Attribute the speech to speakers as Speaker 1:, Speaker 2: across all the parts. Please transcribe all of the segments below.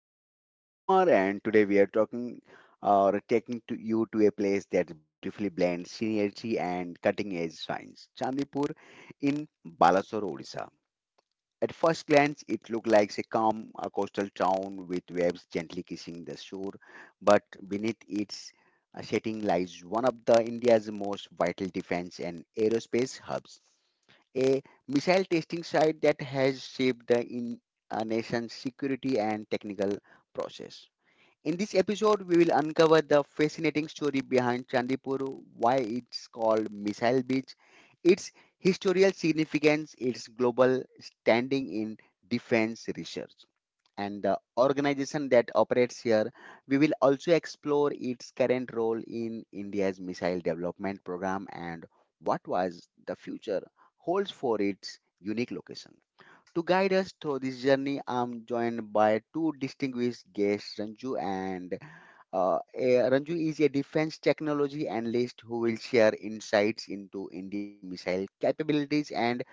Speaker 1: your host Pinchu Kumar, and today we are talking or taking to you to a place that beautifully blends synergy and cutting-edge science. Chandipur in Balasore, Odisha. At first glance, it looked like a calm coastal town with waves gently kissing the shore, but beneath its setting lies one of the India's most vital defense and aerospace hubs a missile testing site that has shaped the in a nation's security and technical process. In this episode, we will uncover the fascinating story behind Chandipur, why it's called Missile Beach, its historical significance, its global standing in defense research and the organization that operates here. We will also explore its current role in India's missile development program and what was the future holds for its unique location. To guide us through this journey, I'm joined by two distinguished guests, Ranju and Ranju is a defense technology analyst who will share insights into India's missile capabilities and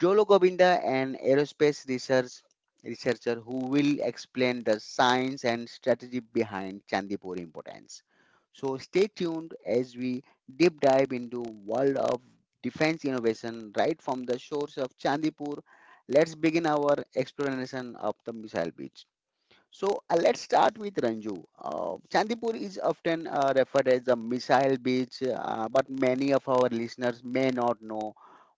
Speaker 1: Jolo Govinda, an aerospace researcher who will explain the science and strategy behind Chandipur importance. So stay tuned as we deep dive into world of defense innovation right from the shores of Chandipur. Let's begin our exploration of the missile beach. So let's start with Ranju. Chandipur is often referred as a missile beach, but many of our listeners may not know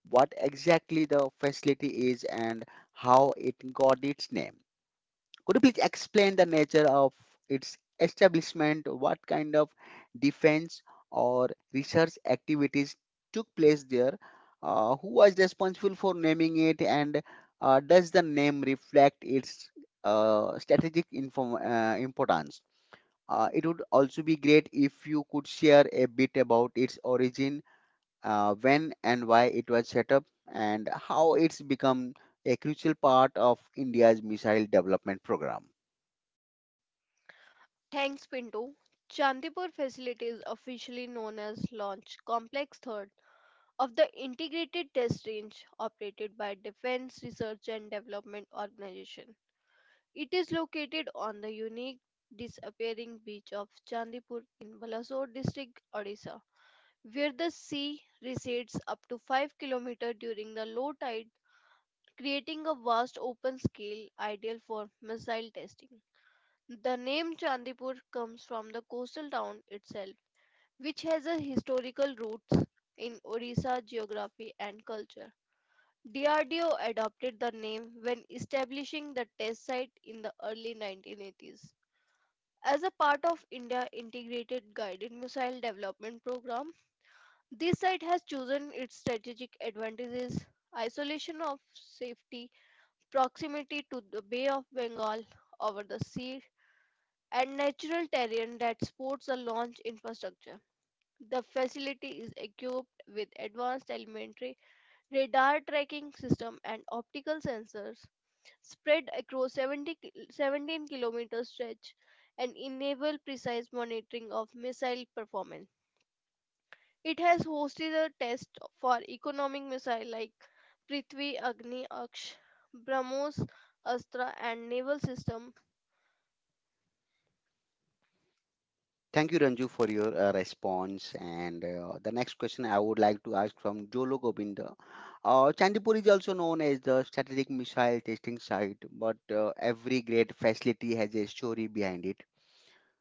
Speaker 1: what exactly the facility is and how it got its name. Could you please explain the nature of its establishment? What kind of defense or research activities took place there? Who was responsible for naming it? And does the name reflect its importance? It would also be great if you could share a bit about its origin, when and why it was set up, and how it's become a crucial part of India's missile development program.
Speaker 2: Thanks, Pinto. Chandipur facility is officially known as Launch Complex 3rd of the Integrated Test Range, operated by Defense Research and Development Organization. It is located on the unique disappearing beach of Chandipur in Balasore district, Odisha, where the sea recedes up to 5 km during the low tide, creating a vast open scale ideal for missile testing. The name Chandipur comes from the coastal town itself, which has a historical roots in Orissa geography and culture. DRDO adopted the name when establishing the test site in the early 1980s. As a part of India Integrated Guided Missile Development Program, this site has chosen its strategic advantages, isolation of safety, proximity to the Bay of Bengal over the sea, and natural terrain that supports a launch infrastructure. The facility is equipped with advanced elementary radar tracking system and optical sensors spread across 17-kilometer stretch and enable precise monitoring of missile performance. It has hosted a test for economic missiles like Prithvi, Agni, Aksh, BrahMos, Astra and naval system.
Speaker 1: Thank you, Ranju, for your response. And the next question I would like to ask from Jolo Gobinda. Chandipur is also known as the strategic missile testing site, but every great facility has a story behind it.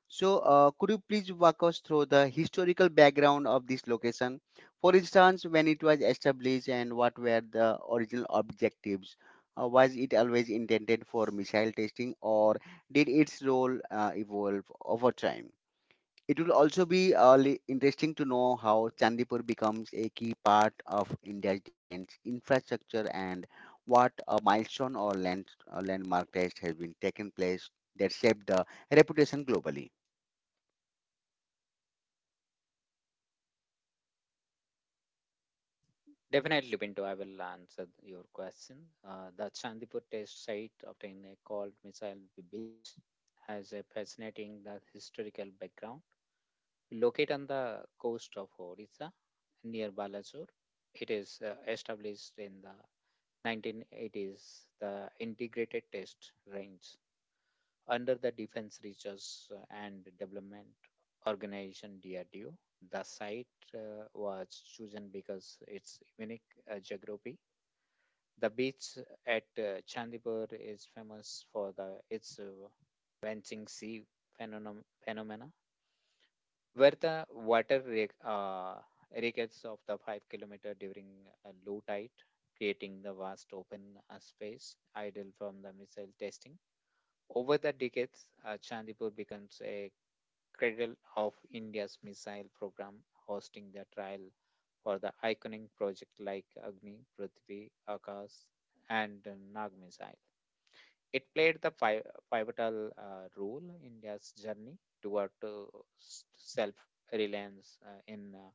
Speaker 1: So, could you please walk us through the historical background of this location? For instance, when it was established and what were the original objectives? Was it always intended for missile testing, or did its role evolve over time? It will also be interesting to know how Chandipur becomes a key part of India's defense infrastructure and what a milestone or landmark test has been taken place that shaped the reputation globally.
Speaker 3: Definitely, Pinto, I will answer your question. The Chandipur test site obtained a called Missile Beach has a fascinating the historical background. Located on the coast of Orissa near Balasore, it is established in the 1980s, the Integrated Test Range under the Defense Research and Development Organization DRDO. The site was chosen because its unique geography, the beach at Chandipur is famous for the its waxing sea phenomenon, phenomena, where the water rickets of the 5 kilometer during low tide, creating the vast open space ideal from the missile testing. Over the decades, Chandipur becomes a cradle of India's missile program, hosting the trial for the iconic project like Agni, Prithvi, Akash, and Nag missile. It played the pivotal role in India's journey toward self reliance in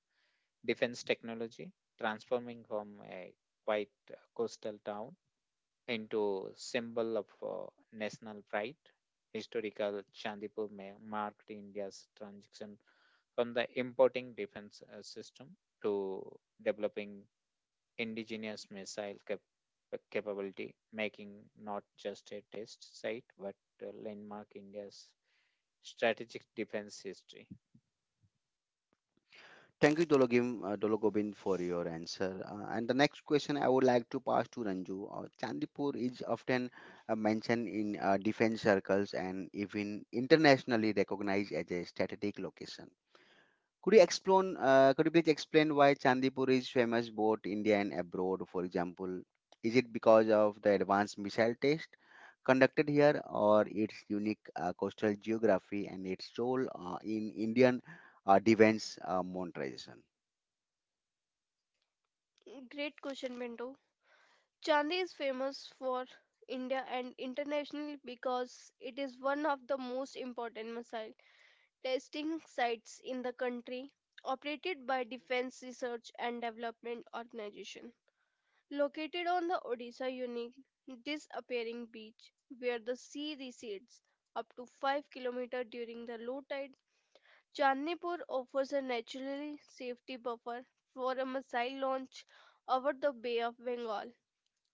Speaker 3: defense technology, transforming from a quiet coastal town into symbol of national pride. Historical Chandipur marked India's transition from the importing defense system to developing indigenous missile capability, making not just a test site but a landmark India's strategic defense history.
Speaker 1: Thank you, Dologim, Dologobind, for your answer. And the next question I would like to pass to Ranju. Chandipur is often mentioned in defense circles and even internationally recognized as a strategic location. Could you explain? Could you please explain why Chandipur is famous both India and abroad? For example, is it because of the advanced missile test conducted here, or its unique coastal geography and its role in Indian defense modernization?
Speaker 2: Great question, Mendo. Chandi is famous for India and internationally because it is one of the most important missile testing sites in the country, operated by Defense Research and Development Organization. Located on the Odisha unique disappearing beach, where the sea recedes up to 5 km during the low tide, Chandnipur offers a naturally safety buffer for a missile launch over the Bay of Bengal.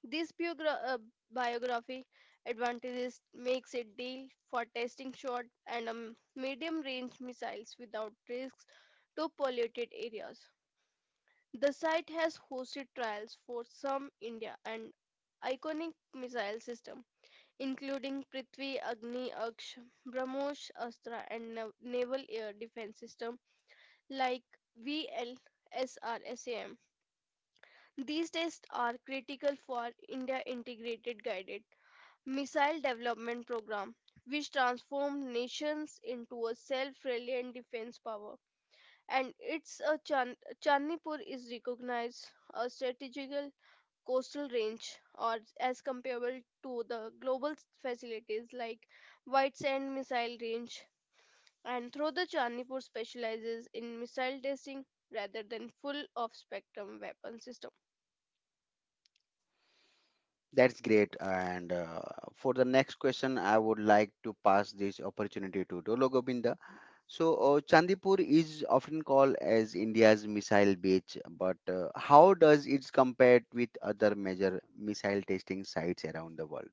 Speaker 2: This biography advantages makes it deal for testing short and medium range missiles without risks to polluted areas. The site has hosted trials for some India and iconic missile system including Prithvi, Agni, Aksh, BrahMos, Astra and Naval Air Defense System like VLSRSAM. These tests are critical for India integrated guided Missile Development Program, which transformed nations into a self-reliant defense power. And it's a Chan- Chandnipur is recognized a strategical coastal range, or as comparable to the global facilities like White Sand Missile Range. And through the Chandnipur specializes in missile testing rather than full of spectrum weapon system.
Speaker 1: That's great. And for the next question, I would like to pass this opportunity to Dolo Govinda. So, Chandipur is often called as India's missile beach, but how does it compare with other major missile testing sites around the world?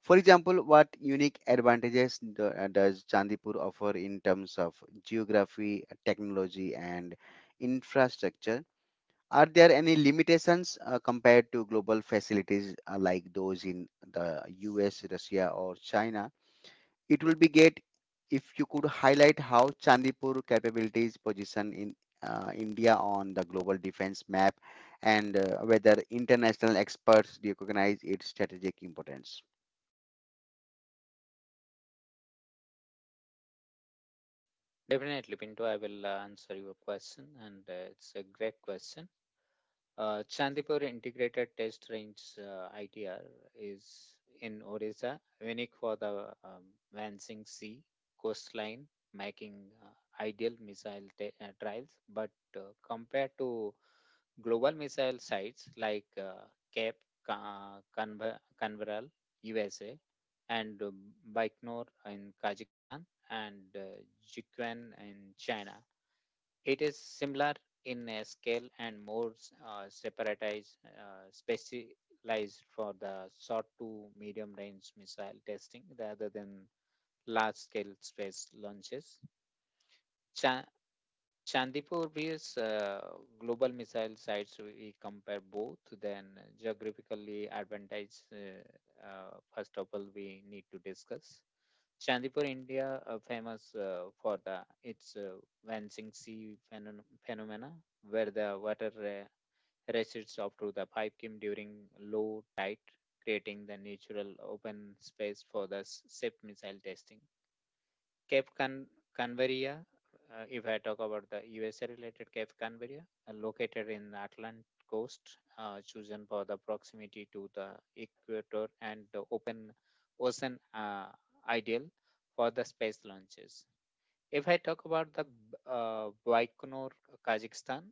Speaker 1: For example, what unique advantages does Chandipur offer in terms of geography, technology, and infrastructure? Are there any limitations compared to global facilities like those in the US, Russia, or China? It will be great if you could highlight how Chandipur capabilities position in India on the global defense map and whether international experts recognize its strategic importance.
Speaker 3: Definitely, Pinto, I will answer your question, and it's a great question. Chandipur Integrated Test Range, ITR, is in Odisha, unique for the Lansing Sea coastline, making ideal missile trials. But uh, compared to global missile sites like Cape Canaveral, USA, and Baikonur in Kazakhstan, and Jiquan in China. It is similar in a scale and more specialized for the short to medium range missile testing rather than large scale space launches. Chandipur bears global missile sites. We compare both, then geographically advantage. First of all, we need to discuss Chandipur, India, famous for the its Vansing Sea phenomena, where the water rushes up to the 5 km during low tide, creating the natural open space for the safe missile testing. Cape Canaveral, if I talk about the USA related Cape Canaveral, located in the Atlantic coast, chosen for the proximity to the equator and the open ocean, ideal for the space launches. If I talk about the Baikonur, Kazakhstan,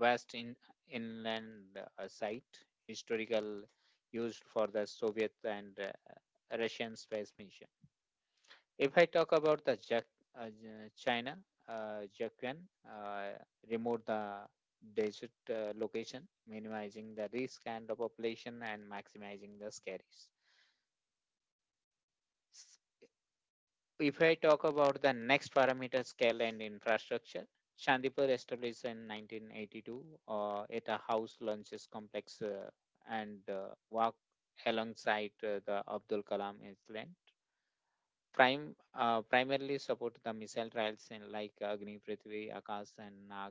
Speaker 3: vast inland site, historical used for the Soviet and Russian space mission. If I talk about the China, Jaquan uh, removed the desert location, minimizing the risk and the population and maximizing the scaries. S- If I talk about the next parameter, scale and infrastructure, Chandipur established in 1982 at a house lunches complex and walk alongside the Abdul Kalam Island. Prime Primarily support the missile trials in like Agni, Prithvi, Akash, and Nag.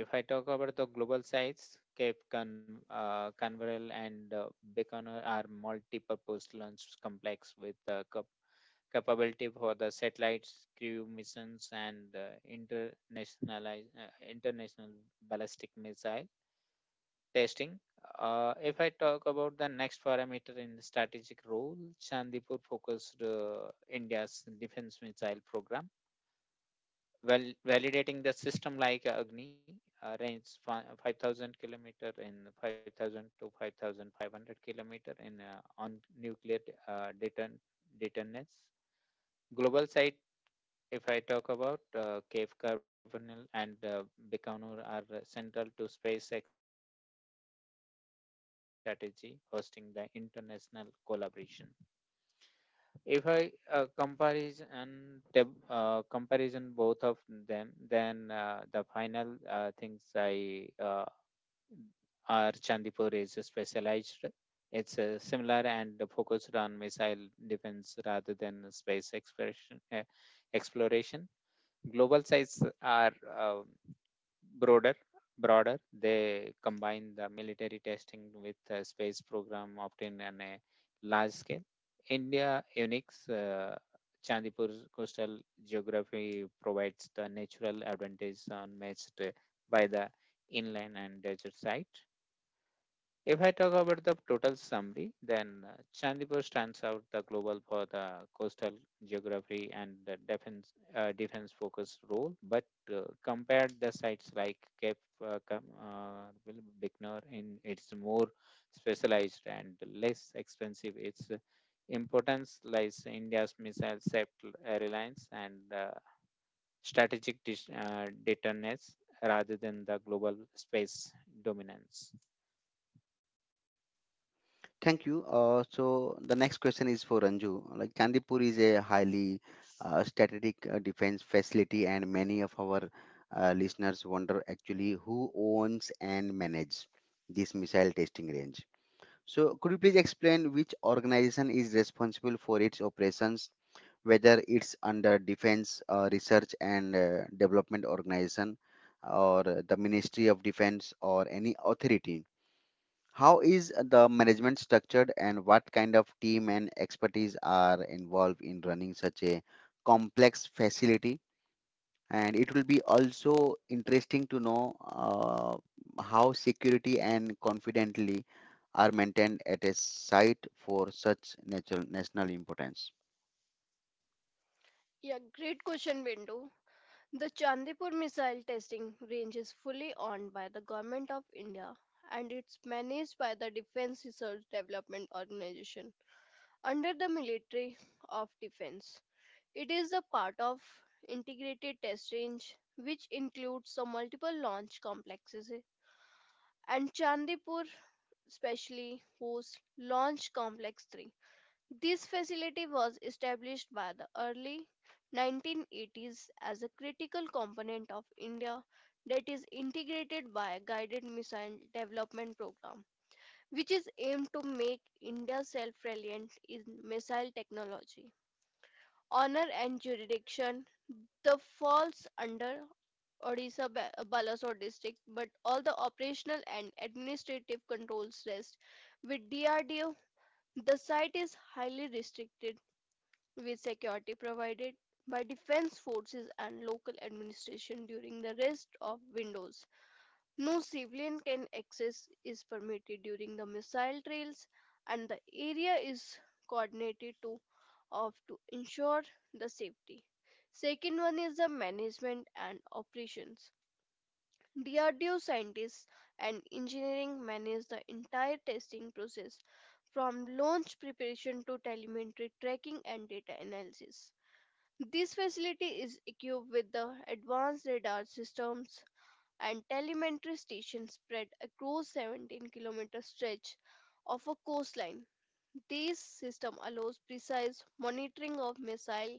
Speaker 3: If I talk about the global sites, Cape Canaveral and Baikonur are multi-purpose launch complex with capability for the satellites, crew missions, and international ballistic missile testing. If I talk about the next parameter in the strategic role, Chandipur focused India's defense missile program, well, validating the system like Agni, range 5,000 kilometer and 5,000 to 5,500 kilometer in on nuclear uh, deton- detonants. Global site if I talk about Cave Carbonyl and Baikonur are central to space exploration and the globe military strategy, hosting the international collaboration. If I comparison both of them, then the final things I are Chandipur is specialized. It's similar and focused on missile defense rather than space exploration. Exploration Global sites are um, broader broader. They combine the military testing with the space program often on a large scale. India unique Chandipur coastal geography provides the natural advantage unmatched by the inland and desert site. If I talk about the total summary, then Chandipur stands out the global for the coastal geography and the defense focus role. But uh, compared the sites like Cape will Bicknor in it's more specialized and less expensive. Its importance lies in India's missile self reliance and strategic deterrence rather than the global space dominance.
Speaker 1: Thank you. So the next question is for Ranju. Like Candipur is a highly strategic defense facility, and many of our listeners wonder actually who owns and manages this missile testing range. So could you please explain which organization is responsible for its operations, whether it's under Defense Research and Development Organization or the Ministry of Defense or any authority? How is the management structured and what kind of team and expertise are involved in running such a complex facility? And it will be also interesting to know how security and confidently are maintained at a site for such natural national importance.
Speaker 2: Yeah, great question, Bindu. The Chandipur missile testing range is fully owned by the Government of India and it's managed by the Defense Research Development Organization under the Military of Defense. It is a part of integrated test range which includes the multiple launch complexes, and Chandipur specially hosts Launch Complex 3. This facility was established by the early 1980s as a critical component of India that is integrated by a guided missile development program which is aimed to make India self-reliant in missile technology. Honor and jurisdiction the falls under Odisha Balasore district, but all the operational and administrative controls rest with DRDO. The site is highly restricted with security provided by defense forces and local administration during the rest of windows. No civilian can access is permitted during the missile trails and the area is coordinated to of to ensure the safety. Second one is the management and operations. DRDO scientists and engineering manage the entire testing process from launch preparation to telemetry tracking and data analysis. This facility is equipped with the advanced radar systems and telemetry stations spread across 17-kilometer stretch of a coastline. This system allows precise monitoring of missile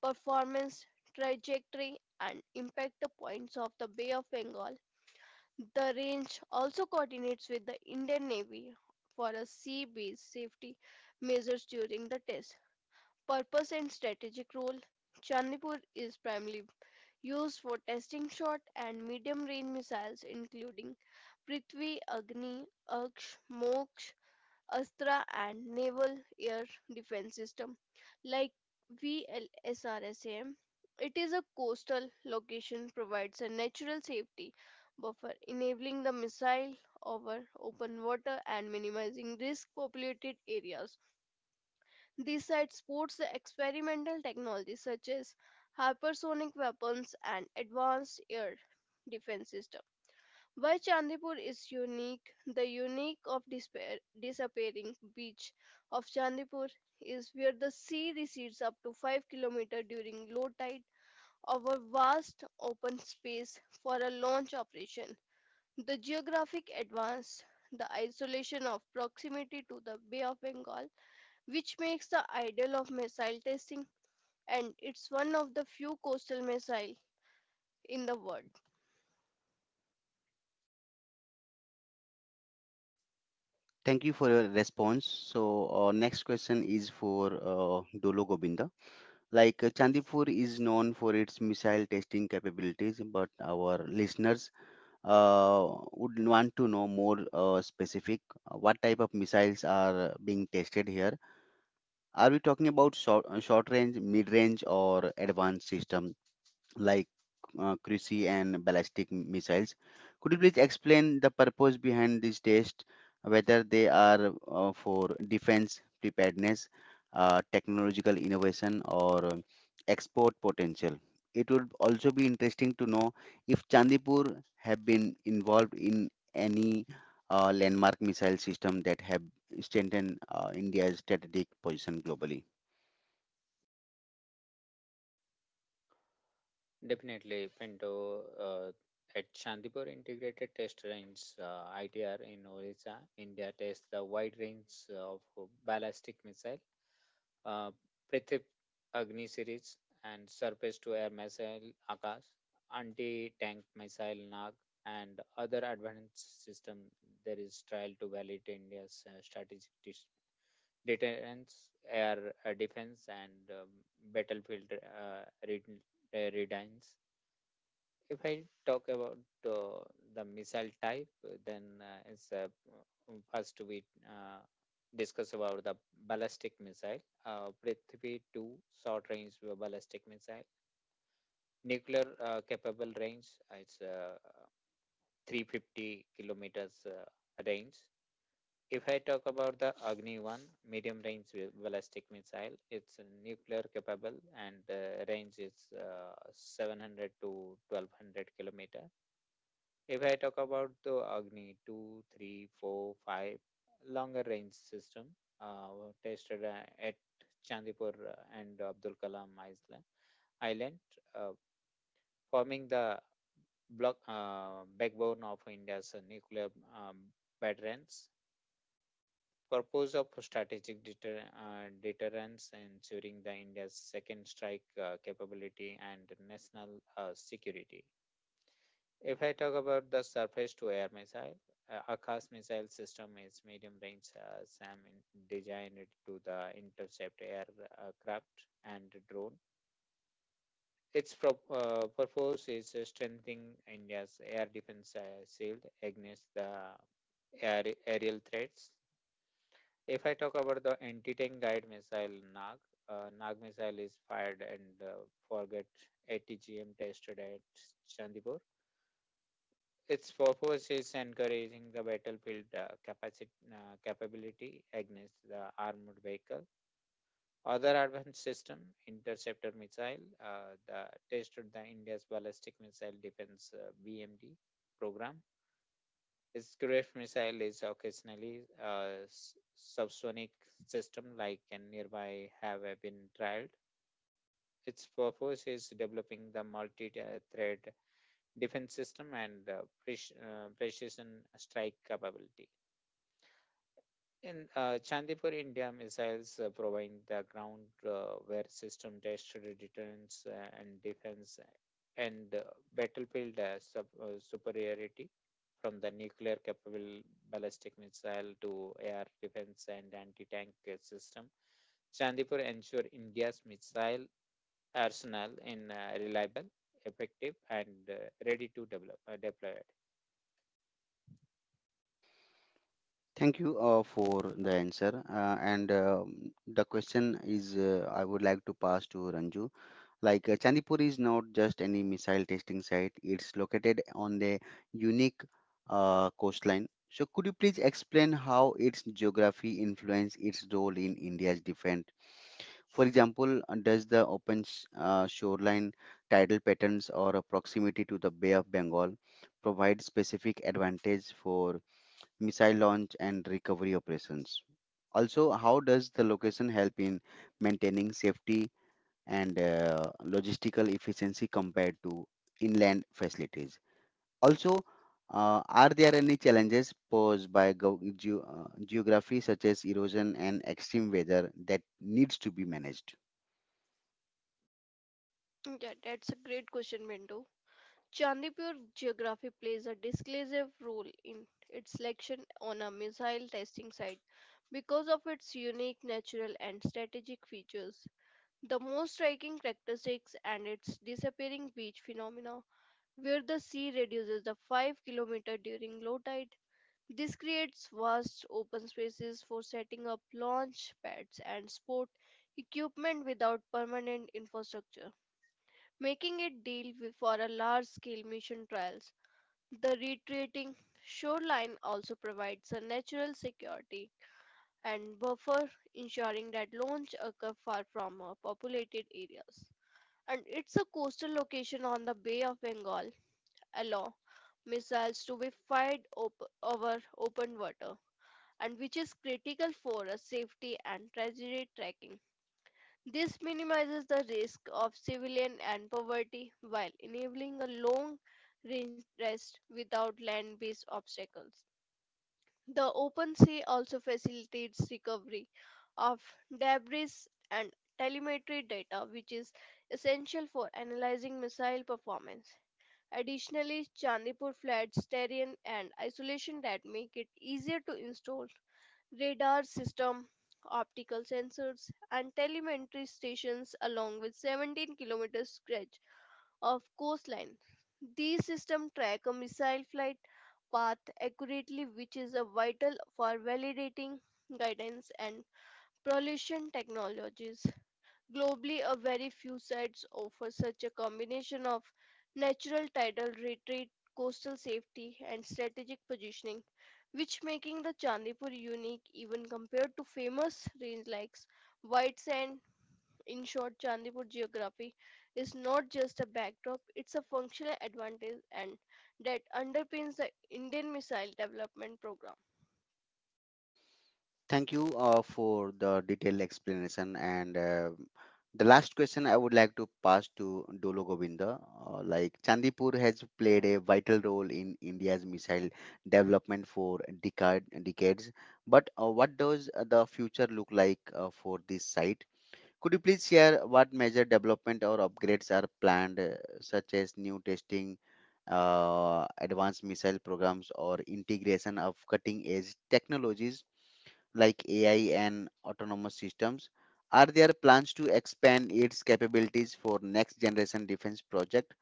Speaker 2: performance, trajectory, and impact points of the Bay of Bengal. The range also coordinates with the Indian Navy for a sea-based safety measures during the test. Purpose and strategic role: Chandipur is primarily used for testing short and medium range missiles including Prithvi, Agni, Aksh, Moksh, Astra and Naval Air Defense System like VLSRSAM. It is a coastal location provides a natural safety buffer enabling the missile over open water and minimizing risk populated areas. This site supports the experimental technologies such as hypersonic weapons and advanced air defense system. Why Chandipur is unique? The disappearing beach of Chandipur is where the sea recedes up to 5 km during low tide over vast open space for a launch operation. The geographic advance, the isolation of proximity to the Bay of Bengal which makes the ideal of missile testing, and it's one of the few coastal missile in the world.
Speaker 1: Thank you for your response. So, next question is for Dolo Gobinda. Like Chandipur is known for its missile testing capabilities, but our listeners would want to know more specific. What type of missiles are being tested here? Are we talking about short range, mid range, or advanced system? Like cruise and ballistic missiles. Could you please explain the purpose behind these tests, whether they are for defense preparedness, technological innovation, or export potential? It would also be interesting to know if Chandipur have been involved in any landmark missile system that have strengthened India's strategic position globally.
Speaker 3: Definitely, Pinto. At Shantipur Integrated Test Range (ITR) in Odisha, India tests the wide range of ballistic missile, uh, Prithip Agni series, and surface-to-air missile Akash, anti-tank missile Nag, and other advanced system. There is trial to validate India's strategic deterrence, air defense, and battlefield readiness. If I talk about uh, the missile type, then it's first we uh, discuss about the ballistic missile, Prithvi 2 short range ballistic missile, nuclear capable range, it's 350 kilometers range. If I talk about the Agni 1 medium range ballistic missile, it's nuclear capable and range is 700 to 1200 kilometer. If I talk about the Agni 2, 3, 4, 5 longer range system uh, tested at Chandipur and Abdul Kalam Island, uh, forming the block backbone of India's nuclear um, deterrence. Purpose of strategic deterrence, ensuring the India's second strike capability and national security. If I talk about the surface-to-air missile, Akash missile system is medium-range SAM designed to the intercept aircraft and drone. Its purpose is strengthening India's air defense shield against the aerial threats. If I talk about the anti-tank guided missile NAG, NAG missile is fired and forget ATGM tested at Chandipur. Its purpose is encouraging the battlefield capability against the armored vehicle. Other advanced system, interceptor missile, the tested the India's ballistic missile defense BMD program. Its Gref missile is occasionally subsonic system like and nearby have been trialed. Its purpose is developing the multi-threat defense system and precision strike capability. In Chandipur, India, missiles provide the ground where system tested deterrence and defense and battlefield superiority from the nuclear capable ballistic missile to air defense and anti tank system. Chandipur ensure India's missile arsenal in reliable, effective, and ready to deploy.
Speaker 1: Thank you for the answer. And the question is, I would like to pass to Ranju. Like Chandipur is not just any missile testing site; it's located on the unique coastline. So, could you please explain how its geography influence its role in India's defense? For example, does the open shoreline tidal patterns or a proximity to the Bay of Bengal provide specific advantage for missile launch and recovery operations? Also, how does the location help in maintaining safety and logistical efficiency compared to inland facilities? Also, are there any challenges posed by geography such as erosion and extreme weather that needs to be managed?
Speaker 2: Yeah, that's a great question, Bindu. Chandipur geography plays a decisive role in its selection on a missile testing site because of its unique natural and strategic features. The most striking characteristics and its disappearing beach phenomena, where the sea reduces the 5-kilometer during low tide. This creates vast open spaces for setting up launch pads and sport equipment without permanent infrastructure, making it deal with for a large scale mission trials. The retreating shoreline also provides a natural security and buffer, ensuring that launch occur far from populated areas. And it's a coastal location on the Bay of Bengal, allow missiles to be fired over open water and which is critical for a safety and tragedy tracking. This minimizes the risk of civilian and poverty while enabling a long range rest without land based obstacles. The open sea also facilitates recovery of debris and telemetry data, which is essential for analyzing missile performance. Additionally, Chandipur floods terrain and isolation that make it easier to install radar system, optical sensors, and telemetry stations along with 17 kilometers stretch of coastline. These systems track a missile flight path accurately, which is a vital for validating guidance and propulsion technologies. Globally, a very few sites offer such a combination of natural tidal retreat, coastal safety, and strategic positioning, which making the Chandipur unique even compared to famous range like White Sand. In short, Chandipur geography is not just a backdrop; it's a functional advantage, and that underpins the Indian Missile Development Program.
Speaker 1: Thank you for the detailed explanation. And the last question I would like to pass to Dolo Govinda. Like Chandipur has played a vital role in India's missile development for decades. But what does the future look like for this site? Could you please share what major development or upgrades are planned, such as new testing, advanced missile programs, or integration of cutting edge technologies? Like AI and autonomous systems? Are there plans to expand its capabilities for next generation defense project,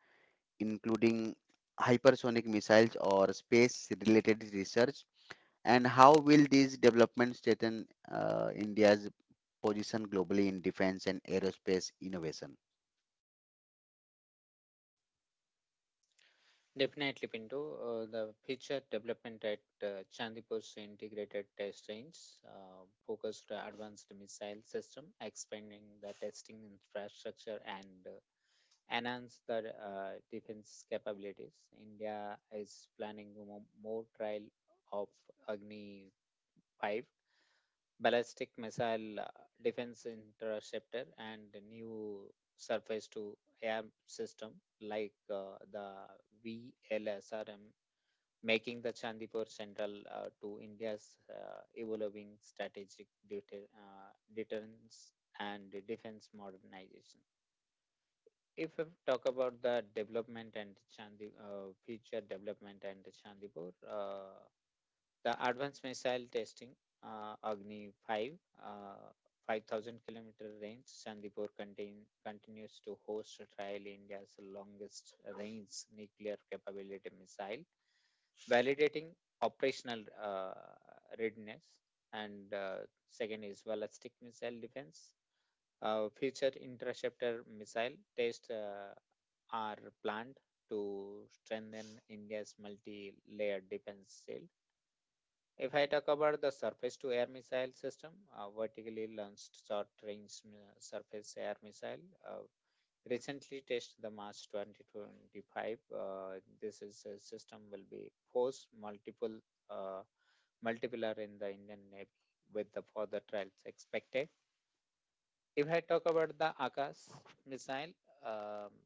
Speaker 1: including hypersonic missiles or space related research? And how will these developments strengthen India's position globally in defense and aerospace innovation?
Speaker 3: Definitely, Pinto. The future development at Chandipur's integrated test range focused on advanced missile system, expanding the testing infrastructure and enhance the defense capabilities. India is planning more trial of Agni 5 ballistic missile defense interceptor and the new surface to air system like the VLSRM making the Chandipur central to India's evolving strategic deterrence and defense modernization. If we talk about the future development and Chandipur, advanced missile testing, Agni 5, uh, 5,000 kilometer range. Chandipur continues to host a trial India's longest range nuclear capability missile, validating operational readiness. And second is ballistic missile defense. Future interceptor missile tests are planned to strengthen India's multi-layered defense shield. If I talk about the surface to air missile system, vertically launched short range surface air missile, uh, recently tested the March 2025. This is a system will be force multiple uh, multiplier in the Indian Navy with the further trials expected. If I talk about the Akash missile, um,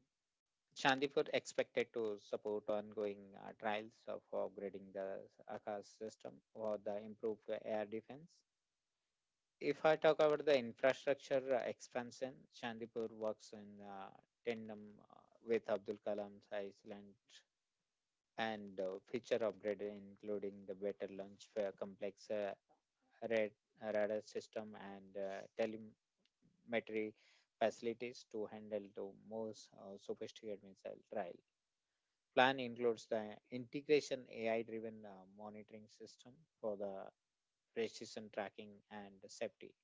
Speaker 3: Chandipur expected to support ongoing trials of upgrading the Akash system for the improved air defense. If I talk about the infrastructure expansion, Chandipur works in tandem uh, with Abdul Kalam's Island and feature upgrade, including the better launch complex, rad- radar system, and telemetry facilities to handle the most sophisticated missile trial. Plan includes the integration AI-driven monitoring system for the precision tracking and safety.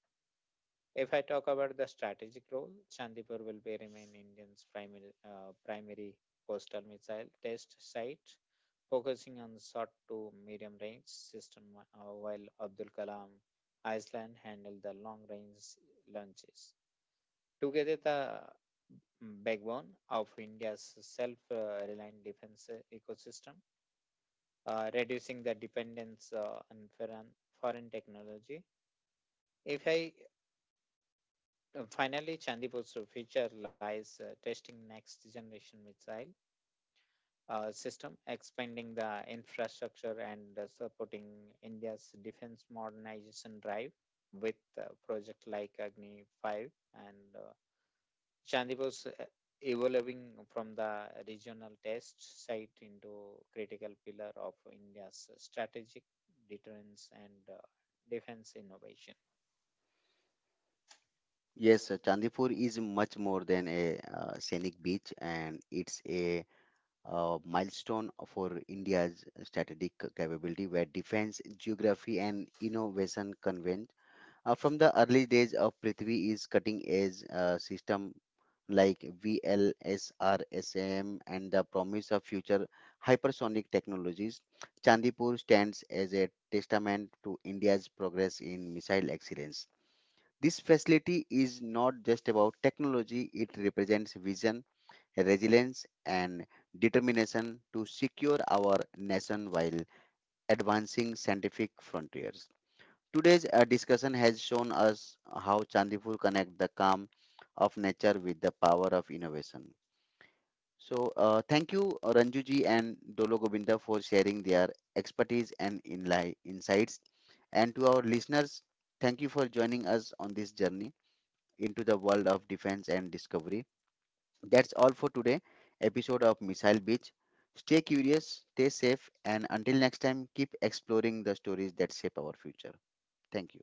Speaker 3: If I talk about the strategic role, Chandipur will be remain India's primary coastal missile test site, focusing on short to medium range system, while Abdul Kalam Island handled the long range launches. Together, the backbone of India's self-reliant defense ecosystem, reducing the dependence on foreign technology. If I Finally, Chandipur's future lies testing next generation missile system, expanding the infrastructure and supporting India's defense modernization drive with project like Agni 5 and Chandipur's evolving from the regional test site into critical pillar of India's strategic deterrence and defense innovation.
Speaker 1: Yes, Chandipur is much more than a scenic beach, and it's a milestone for India's strategic capability, where defense, geography, and innovation converge. From the early days of Prithvi is cutting edge system like VLSRSM, and the promise of future hypersonic technologies, Chandipur stands as a testament to India's progress in missile excellence. This facility is not just about technology, it represents vision resilience, and determination to secure our nation while advancing scientific frontiers. Today's discussion has shown us how Chandipur connects the calm of nature with the power of innovation. So, thank you, Ranjuji and Dolo Govinda, for sharing their expertise and insights. And to our listeners, thank you for joining us on this journey into the world of defense and discovery. That's all for today episode of Missile Beach. Stay curious, stay safe, and until next time, keep exploring the stories that shape our future. Thank you.